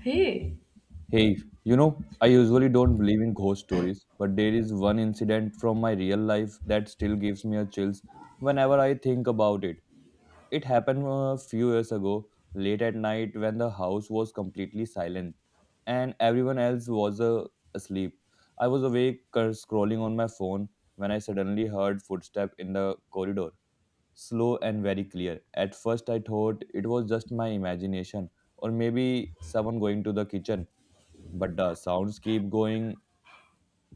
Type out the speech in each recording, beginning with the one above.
Hey. Hey, you know, I usually don't believe in ghost stories, but there is one incident from my real life that still gives me a chills whenever I think about it. It happened a few years ago, late at night when the house was completely silent and everyone else was asleep. I was awake scrolling on my phone when I suddenly heard footsteps in the corridor, slow and very clear. At first I thought it was just my imagination or maybe someone going to the kitchen, but the sounds keep going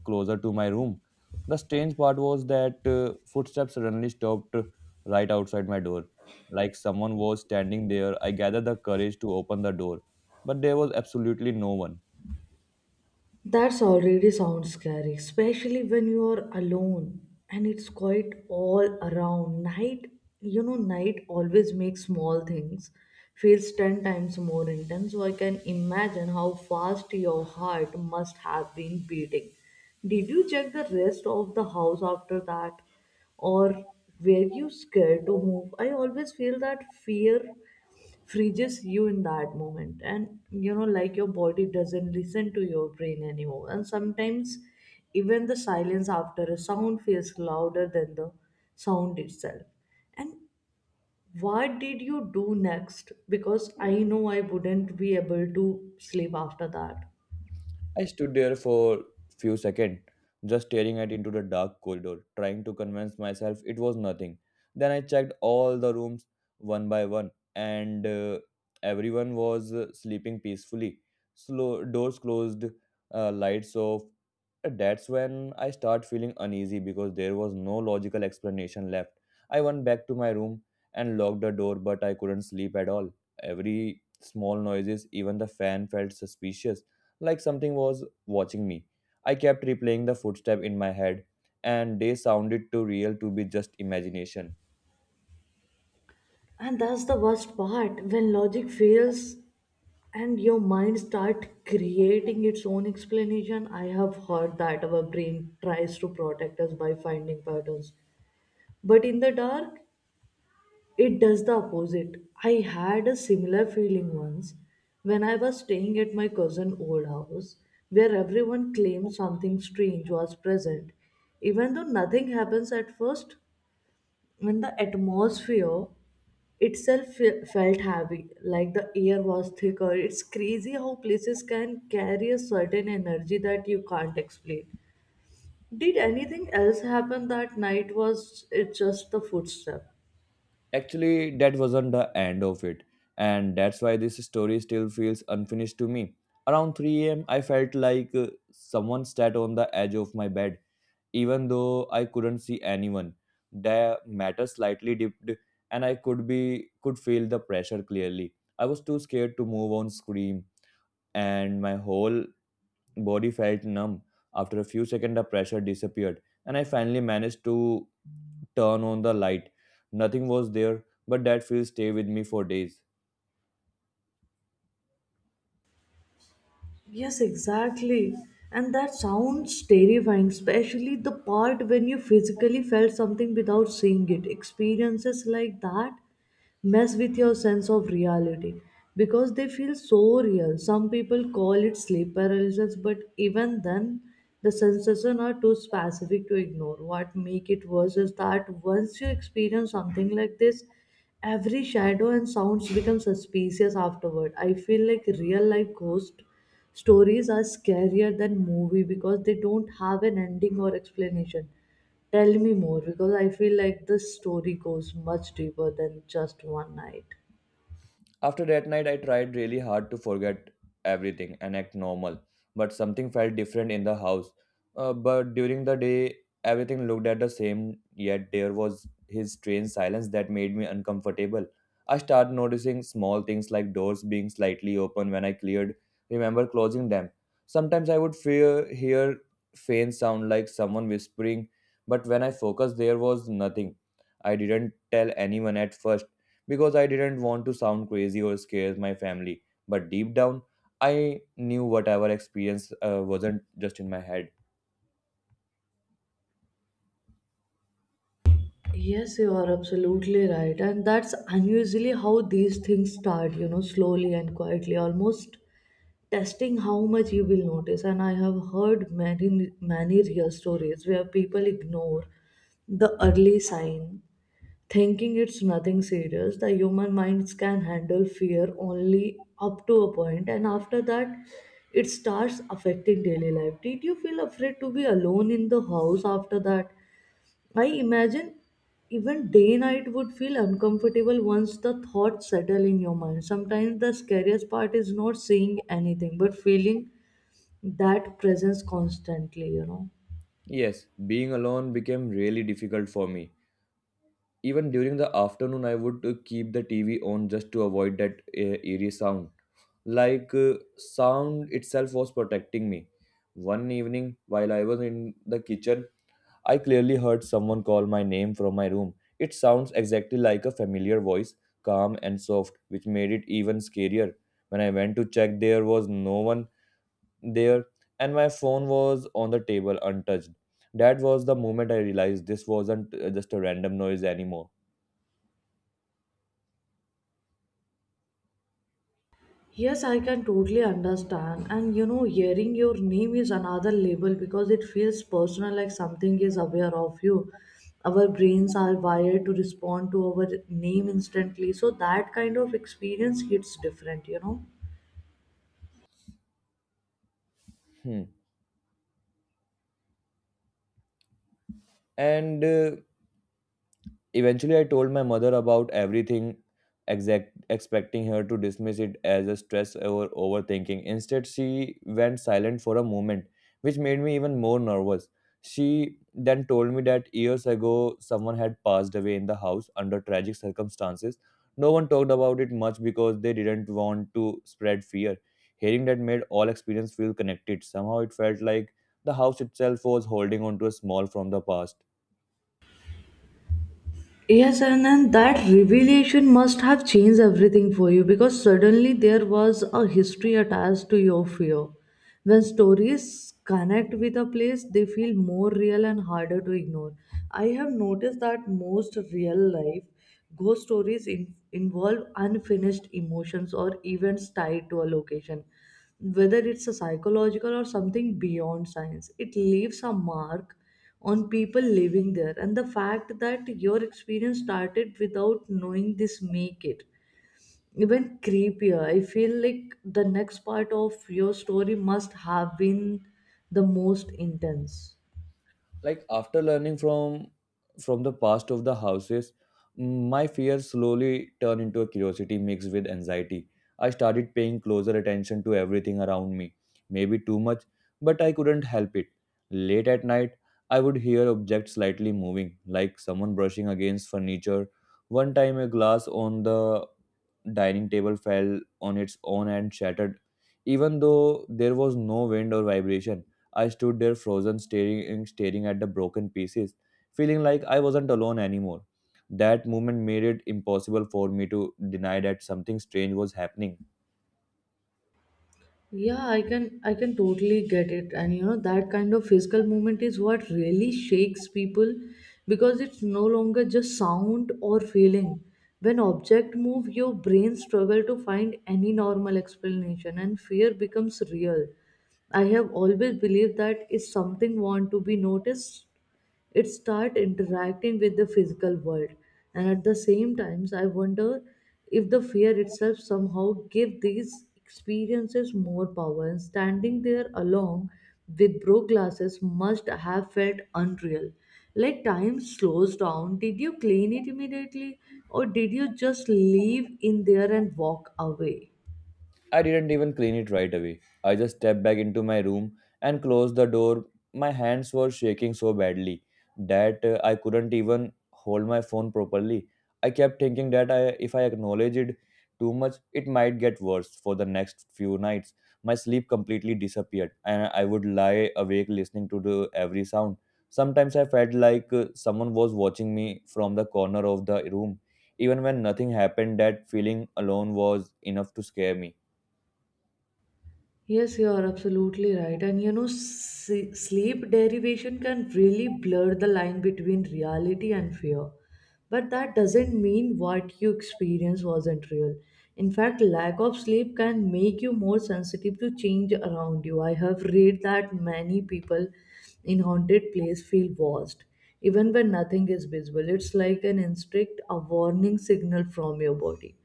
closer to my room. The strange part was that footsteps suddenly stopped right outside my door, like someone was standing there. I gathered the courage to open the door, but there was absolutely no one. That's already sounds scary, especially when you are alone and it's quite all around. Night, you know, night always makes small things feels 10 times more intense. So I can imagine how fast your heart must have been beating. Did you check the rest of the house after that? Or were you scared to move? I always feel that fear freezes you in that moment and you know like your body doesn't listen to your brain anymore, and sometimes even the silence after a sound feels louder than the sound itself. And what did you do next, because I know I wouldn't be able to sleep after that? I stood there for few seconds, just staring at into the dark corridor, trying to convince myself it was nothing. Then I checked all the rooms one by one, and everyone was sleeping peacefully. Slow doors closed, lights off, that's when I start feeling uneasy because there was no logical explanation left. I went back to my room and locked the door, but I couldn't sleep at all. Every small noises, even the fan felt suspicious, like something was watching me. I kept replaying the footstep in my head, and they sounded too real to be just imagination. And that's the worst part when logic fails and your mind start creating its own explanation. I have heard that our brain tries to protect us by finding patterns, but in the dark, it does the opposite. I had a similar feeling once when I was staying at my cousin's old house where everyone claimed something strange was present. Even though nothing happens at first, when the atmosphere itself felt heavy, like the air was thicker. It's crazy how places can carry a certain energy that you can't explain. Did anything else happen that night? Was it just the footstep? Actually, that wasn't the end of it, and that's why this story still feels unfinished to me. Around 3 a.m., I felt like someone sat on the edge of my bed, even though I couldn't see anyone. The matter slightly dipped, and I could be could feel the pressure clearly. I was too scared to move on, scream, and my whole body felt numb. After a few seconds, the pressure disappeared, and I finally managed to turn on the light. Nothing was there, but that feel stayed with me for days. Yes, exactly. And that sounds terrifying, especially the part when you physically felt something without seeing it. Experiences like that mess with your sense of reality because they feel so real. Some people call it sleep paralysis, but even then, the sensations are too specific to ignore. What make it worse is that once you experience something like this, every shadow and sounds become suspicious afterward. I feel like real life ghost stories are scarier than movie because they don't have an ending or explanation. Tell me more because I feel like this story goes much deeper than just one night. After that night, I tried really hard to forget everything and act normal, but something felt different in the house. But during the day, everything looked at the same, yet there was his strange silence that made me uncomfortable. I started noticing small things like doors being slightly open when I cleared, remember closing them. Sometimes I would hear faint sound like someone whispering, but when I focused, there was nothing. I didn't tell anyone at first because I didn't want to sound crazy or scare my family. But deep down, I knew whatever experience wasn't just in my head. Yes, you are absolutely right. And that's unusually how these things start, you know, slowly and quietly, almost testing how much you will notice. And I have heard many, many real stories where people ignore the early sign, thinking it's nothing serious. The human minds can handle fear only up to a point, and after that, it starts affecting daily life. Did you feel afraid to be alone in the house after that? I imagine even day night would feel uncomfortable once the thoughts settle in your mind. Sometimes the scariest part is not seeing anything, but feeling that presence constantly, you know. Yes, being alone became really difficult for me. Even during the afternoon, I would keep the TV on just to avoid that eerie sound. Like sound itself was protecting me. One evening, while I was in the kitchen, I clearly heard someone call my name from my room. It sounds exactly like a familiar voice, calm and soft, which made it even scarier. When I went to check, there was no one there, and my phone was on the table untouched. That was the moment I realized this wasn't just a random noise anymore. Yes, I can totally understand. And you know, hearing your name is another label because it feels personal, like something is aware of you. Our brains are wired to respond to our name instantly. So that kind of experience hits different, you know. Hmm. And Eventually, I told my mother about everything, expecting her to dismiss it as a stress or overthinking. Instead, she went silent for a moment, which made me even more nervous. She then told me that years ago, someone had passed away in the house under tragic circumstances. No one talked about it much because they didn't want to spread fear. Hearing that made all experience feel connected. Somehow, it felt like the house itself was holding on to a small from the past. Yes, and then that revelation must have changed everything for you because suddenly there was a history attached to your fear. When stories connect with a place, they feel more real and harder to ignore. I have noticed that most real life ghost stories involve unfinished emotions or events tied to a location, whether it's a psychological or something beyond science. It leaves a mark on people living there, and the fact that your experience started without knowing this make it even creepier. I feel like the next part of your story must have been the most intense. Like after learning from the past of the houses, my fear slowly turned into a curiosity mixed with anxiety. I started paying closer attention to everything around me, maybe too much, but I couldn't help it. Late at night, I would hear objects slightly moving, like someone brushing against furniture. One time, a glass on the dining table fell on its own and shattered, even though there was no wind or vibration. I stood there frozen, staring at the broken pieces, feeling like I wasn't alone anymore. That moment made it impossible for me to deny that something strange was happening. Yeah, I can, I can totally get it. And you know, that kind of physical movement is what really shakes people because it's no longer just sound or feeling. When object move, your brain struggle to find any normal explanation and fear becomes real. I have always believed that if something want to be noticed, it start interacting with the physical world. And at the same times I wonder if the fear itself somehow give these experiences more power. And standing there alone with broke glasses must have felt unreal, like time slows down. Did you clean it immediately, or did you just leave in there and walk away? I didn't even clean it right away. I just stepped back into my room and closed the door. My hands were shaking so badly that I couldn't even hold my phone properly. I kept thinking that if I acknowledged it too much, it might get worse for the next few nights. My sleep completely disappeared, and I would lie awake listening to every sound. Sometimes I felt like someone was watching me from the corner of the room. Even when nothing happened, that feeling alone was enough to scare me. Yes, you are absolutely right. And you know, sleep derivation can really blur the line between reality and fear. But that doesn't mean what you experience wasn't real. In fact, lack of sleep can make you more sensitive to change around you. I have read that many people in haunted place feel watched, even when nothing is visible. It's like an instinct, a warning signal from your body.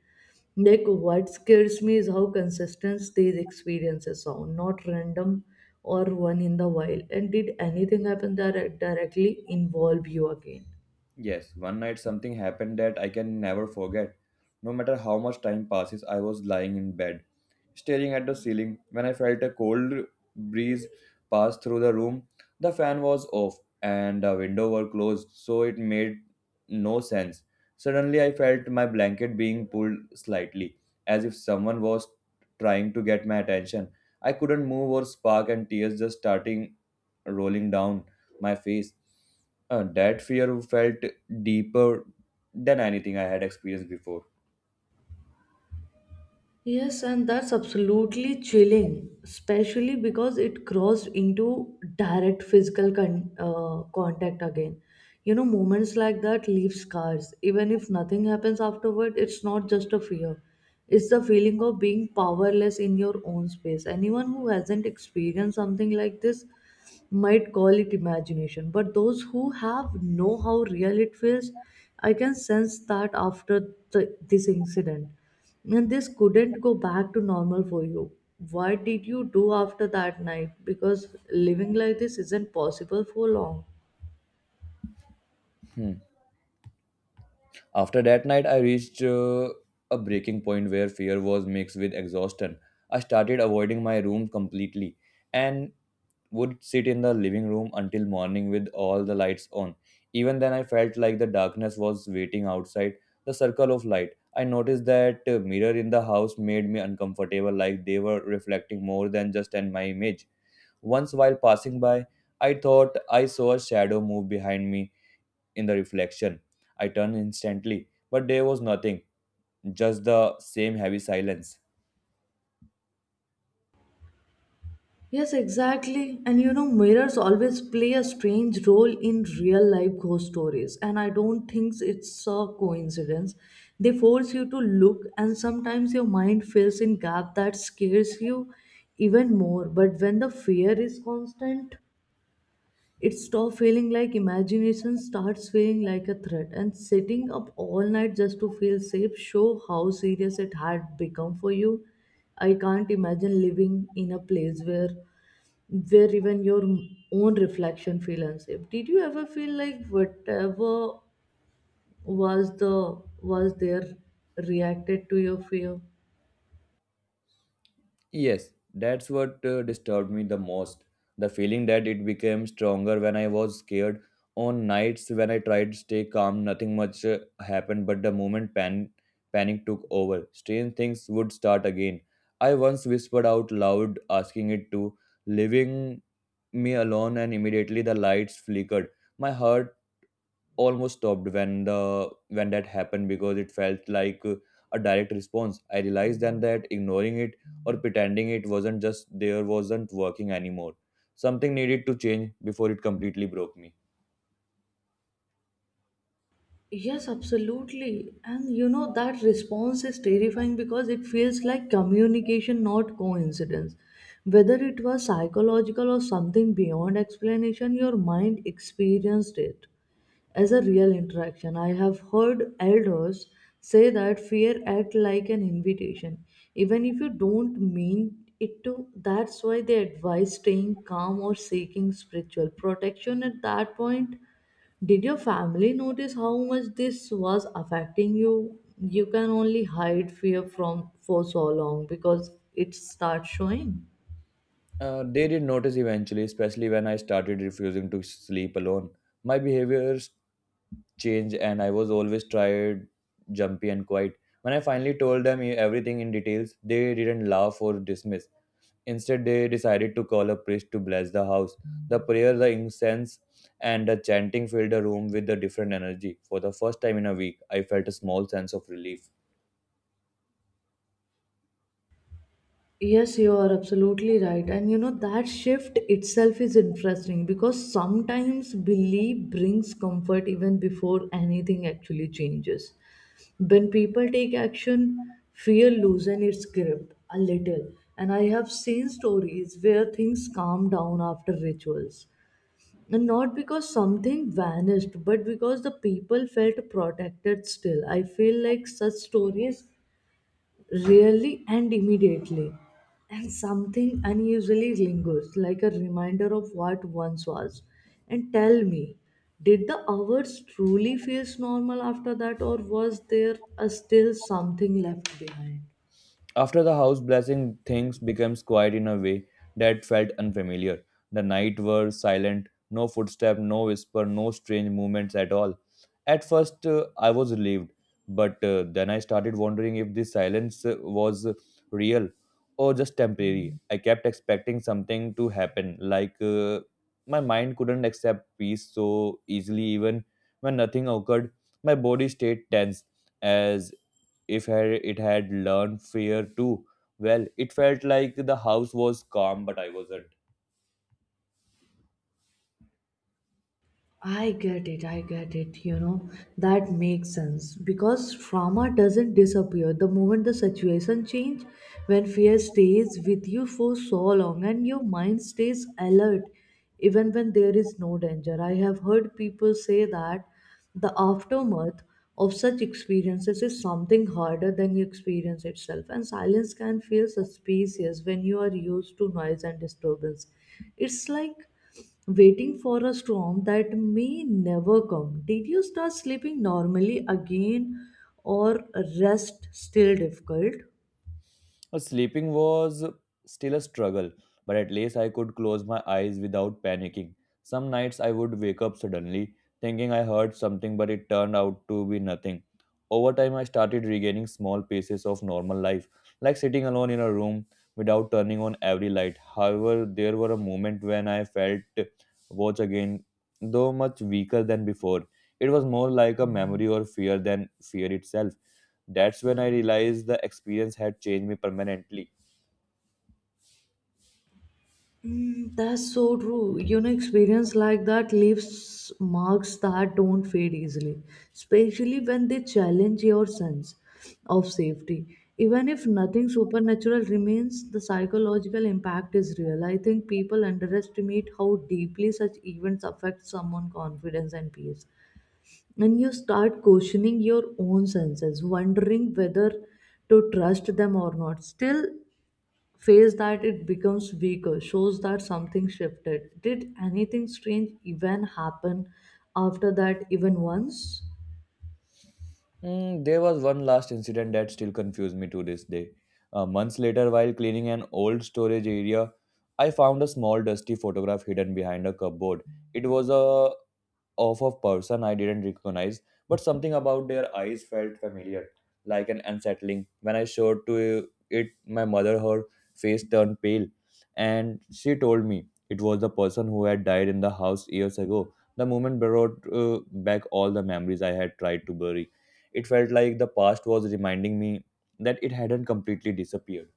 Like what scares me is how consistent these experiences sound, not random or one in the wild. And did anything happen that directly involve you again? Yes, one night something happened that I can never forget. No matter how much time passes, I was lying in bed, staring at the ceiling when I felt a cold breeze pass through the room. The fan was off and the window were closed, so it made no sense. Suddenly, I felt my blanket being pulled slightly, as if someone was trying to get my attention. I couldn't move or spark, and tears just starting rolling down my face. That fear felt deeper than anything I had experienced before. Yes, and that's absolutely chilling, especially because it crossed into direct physical contact again. You know, moments like that leave scars. Even if nothing happens afterward, it's not just a fear. It's the feeling of being powerless in your own space. Anyone who hasn't experienced something like this might call it imagination, but those who have know how real it feels. I can sense that after this incident, and this couldn't go back to normal for you. What did you do after that night? Because living like this isn't possible for long. Hmm. After that night, I reached a breaking point where fear was mixed with exhaustion. I started avoiding my room completely and would sit in the living room until morning with all the lights on. Even then, I felt like the darkness was waiting outside the circle of light. I noticed that mirror in the house made me uncomfortable, like they were reflecting more than just in my image. Once, while passing by, I thought I saw a shadow move behind me in the reflection. I turned instantly, but there was nothing, just the same heavy silence. Yes, exactly. And you know, mirrors always play a strange role in real life ghost stories, and I don't think it's a coincidence. They force you to look, and sometimes your mind fills in gap that scares you even more. But when the fear is constant, it stops feeling like imagination starts feeling like a threat. And sitting up all night just to feel safe show how serious it had become for you. I can't imagine living in a place where even your own reflection feel unsafe. Did you ever feel like whatever was the was there reacted to your fear? Yes, that's what disturbed me the most. The feeling that it became stronger when I was scared. On nights when I tried to stay calm, nothing much happened, but the moment panic took over, strange things would start again. I once whispered out loud, asking it to living me alone, and immediately the lights flickered. My heart almost stopped when the when that happened, because it felt like a direct response. I realized then that ignoring it or pretending it wasn't just there wasn't working anymore. Something needed to change before it completely broke me. Yes, absolutely. And you know, that response is terrifying because it feels like communication, not coincidence. Whether it was psychological or something beyond explanation, your mind experienced it as a real interaction. I have heard elders say that fear act like an invitation, even if you don't mean it to. That's why they advise staying calm or seeking spiritual protection at that point. Did your family notice how much this was affecting you? You can only hide fear from for so long because it starts showing. They did notice eventually, especially when I started refusing to sleep alone. My behaviors changed, and I was always tired, jumpy, and quiet. When I finally told them everything in details, they didn't laugh or dismiss. Instead, they decided to call a priest to bless the house. The prayer, the incense, and the chanting filled the room with a different energy. For the first time in a week, I felt a small sense of relief. Yes, you are absolutely right. And you know, that shift itself is interesting because sometimes belief brings comfort even before anything actually changes. When people take action, fear loosens its grip a little. And I have seen stories where things calm down after rituals, and not because something vanished, but because the people felt protected still. I feel like such stories really end immediately, and something unusually lingers, like a reminder of what once was. And tell me, did the hours truly feel normal after that, or was there a still something left behind? After the house blessing, things became quiet in a way that felt unfamiliar. The night were silent, no footstep, no whisper, no strange movements at all. At first, I was relieved, but then I started wondering if this silence was real or just temporary. I kept expecting something to happen, like my mind couldn't accept peace so easily, even when nothing occurred. My body stayed tense as if it had learned fear too well. It felt like the house was calm, but I wasn't. I get it, you know, that makes sense because trauma doesn't disappear the moment the situation change. When fear stays with you for so long and your mind stays alert even when there is no danger. I have heard people say that the aftermath of such experiences is something harder than you experience itself, and silence can feel suspicious when you are used to noise and disturbance. It's like waiting for a storm that may never come. Did you start sleeping normally again, or rest still difficult? Sleeping was still a struggle, but at least I could close my eyes without panicking. Some nights I would wake up suddenly, thinking I heard something, but it turned out to be nothing. Over time, I started regaining small pieces of normal life, like sitting alone in a room without turning on every light. However, there were a moment when I felt watch again, though much weaker than before. It was more like a memory or fear than fear itself. That's when I realized the experience had changed me permanently. Mm, that's so true. You know, experience like that leaves marks that don't fade easily, especially when they challenge your sense of safety. Even if nothing supernatural remains, the psychological impact is real. I think people underestimate how deeply such events affect someone's confidence and peace. And you start questioning your own senses, wondering whether to trust them or not. Still face that it becomes weaker shows that something shifted. Did anything strange even happen after that, even once? Mm, there was one last incident that still confused me to this day. Months later, while cleaning an old storage area, I found a small dusty photograph hidden behind a cupboard. It was a of a person I didn't recognize, but something about their eyes felt familiar, like an unsettling. When I showed to it, my mother, her face turned pale, and she told me it was the person who had died in the house years ago. The moment brought back all the memories I had tried to bury. It felt like the past was reminding me that it hadn't completely disappeared.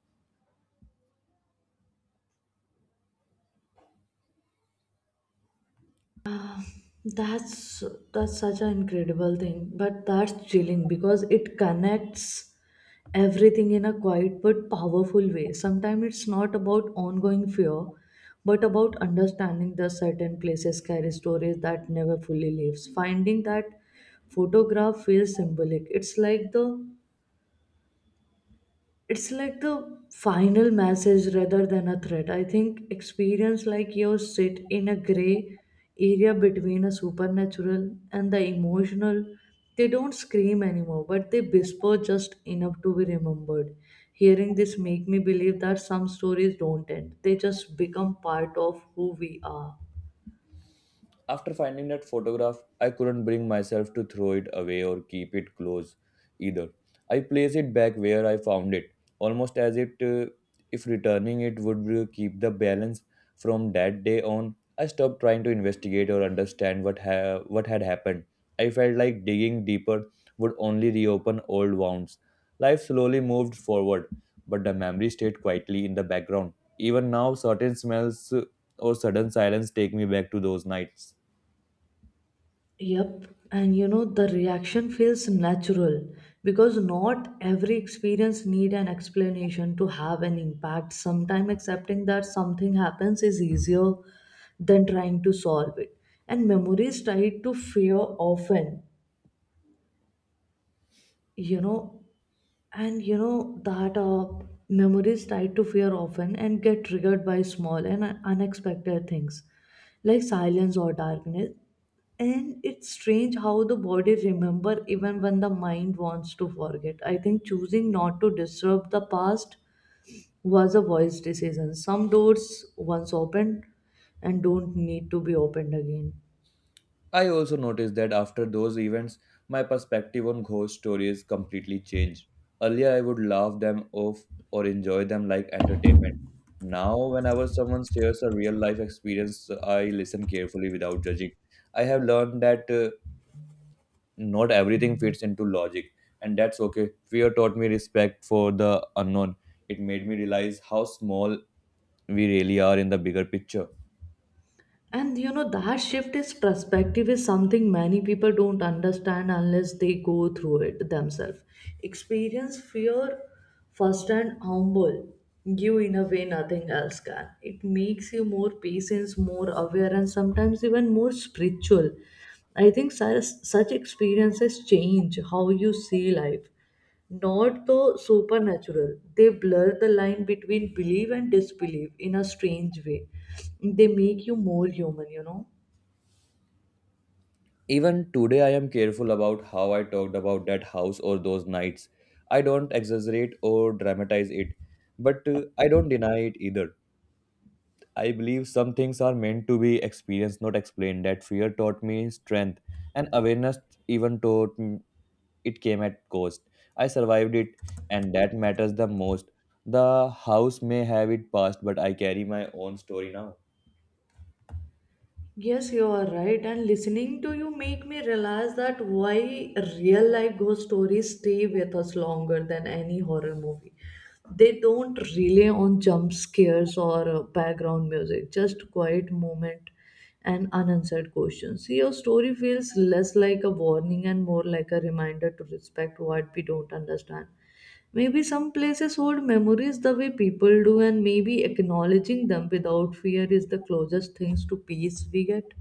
That's that's such an incredible thing, but that's chilling because it connects everything in a quiet but powerful way. Sometimes it's not about ongoing fear, but about understanding the certain places carry stories that never fully leaves. Finding that photograph feels symbolic. It's like the final message rather than a threat. I think experience like yours sit in a gray area between a supernatural and the emotional. They don't scream anymore, but they whisper just enough to be remembered. Hearing this make me believe that some stories don't end. They just become part of who we are. After finding that photograph, I couldn't bring myself to throw it away or keep it close either. I placed it back where I found it, almost as if returning it would keep the balance. From that day on, I stopped trying to investigate or understand what had happened. I felt like digging deeper would only reopen old wounds. Life slowly moved forward, but the memory stayed quietly in the background. Even now, certain smells or sudden silence take me back to those nights. Yep, and you know the reaction feels natural because not every experience need an explanation to have an impact. Sometimes accepting that something happens is easier than trying to solve it. And memories tied to fear often, you know, and you know that memories tied to fear often and get triggered by small and unexpected things like silence or darkness. And it's strange how the body remember even when the mind wants to forget. I think choosing not to disturb the past was a wise decision. Some doors once opened and don't need to be opened again. I also noticed that after those events, my perspective on ghost stories completely changed. Earlier, I would laugh them off or enjoy them like entertainment. Now, whenever someone shares a real life experience, I listen carefully without judging. I have learned that not everything fits into logic, and that's okay. Fear taught me respect for the unknown. It made me realize how small we really are in the bigger picture. And you know, that shift is perspective is something many people don't understand unless they go through it themselves. Experience fear first and humble you in a way nothing else can. It makes you more patient, more aware, and sometimes even more spiritual. I think such experiences change how you see life, not the supernatural. They blur the line between belief and disbelief in a strange way. They make you more human, you know. Even today, I am careful about how I talked about that house or those nights. I don't exaggerate or dramatize it, but I don't deny it either. I believe some things are meant to be experienced, not explained. That fear taught me strength, and awareness even taught me it came at cost. I survived it, and that matters the most. The house may have it past, but I carry my own story now. Yes, you are right. And listening to you make me realize that why real life ghost stories stay with us longer than any horror movie. They don't rely on jump scares or background music, just quiet moment and unanswered questions. Your story feels less like a warning and more like a reminder to respect what we don't understand. Maybe some places hold memories the way people do, and maybe acknowledging them without fear is the closest things to peace we get.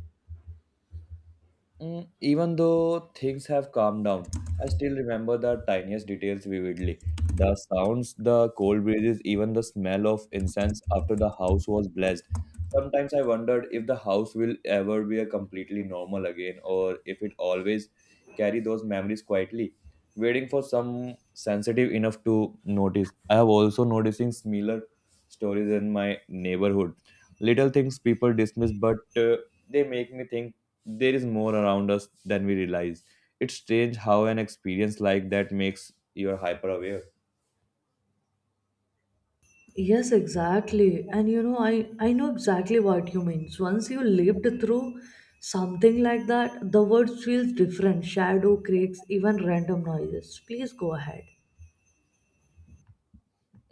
Mm, even though things have calmed down, I still remember the tiniest details vividly. The sounds, the cold breezes, even the smell of incense after the house was blessed. Sometimes I wondered if the house will ever be a completely normal again, or if it always carry those memories quietly, waiting for some sensitive enough to notice. I have also noticing similar stories in my neighborhood. Little things people dismiss, but they make me think there is more around us than we realize. It's strange how an experience like that makes you hyper aware. Yes, exactly. And you know, I know exactly what you mean. Once you lived through something like that, the world feels different. Shadow, creaks, even random noises. Please go ahead.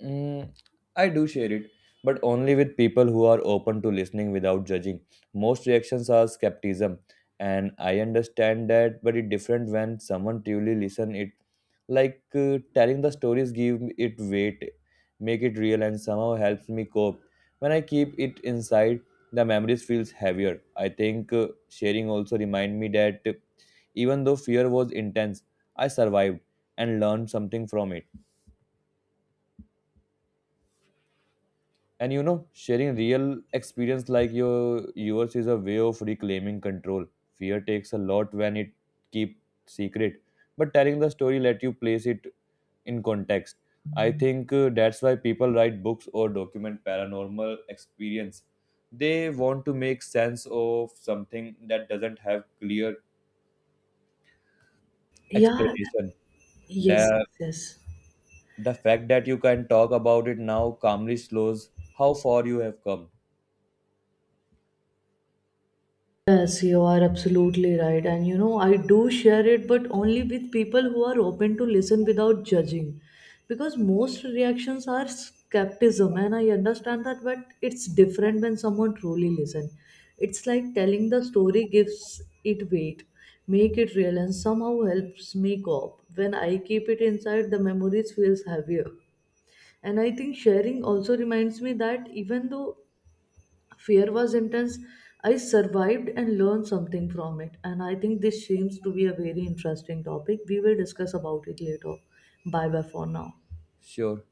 Mm, I do share it, but only with people who are open to listening without judging. Most reactions are skepticism, and I understand that, but it's different when someone truly listen it. Like telling the stories give it weight, make it real, and somehow helps me cope. When I keep it inside, the memories feels heavier. I think sharing also remind me that even though fear was intense, I survived and learned something from it. And you know, sharing real experience like yours is a way of reclaiming control. Fear takes a lot when it keep secret, but telling the story let you place it in context. I think that's why people write books or document paranormal experience. They want to make sense of something that doesn't have clear Yeah, explanation. yes, yes, the yes. the fact that you can talk about it now calmly shows how far you have come. Yes, you are absolutely right. And you know, I do share it, but only with people who are open to listen without judging. Because most reactions are skepticism, and I understand that, but it's different when someone truly listens. It's like telling the story gives it weight, make it real, and somehow helps me cope. When I keep it inside, the memories feels heavier. And I think sharing also reminds me that even though fear was intense, I survived and learned something from it. And I think this seems to be a very interesting topic. We will discuss about it later. Bye bye for now. Sure.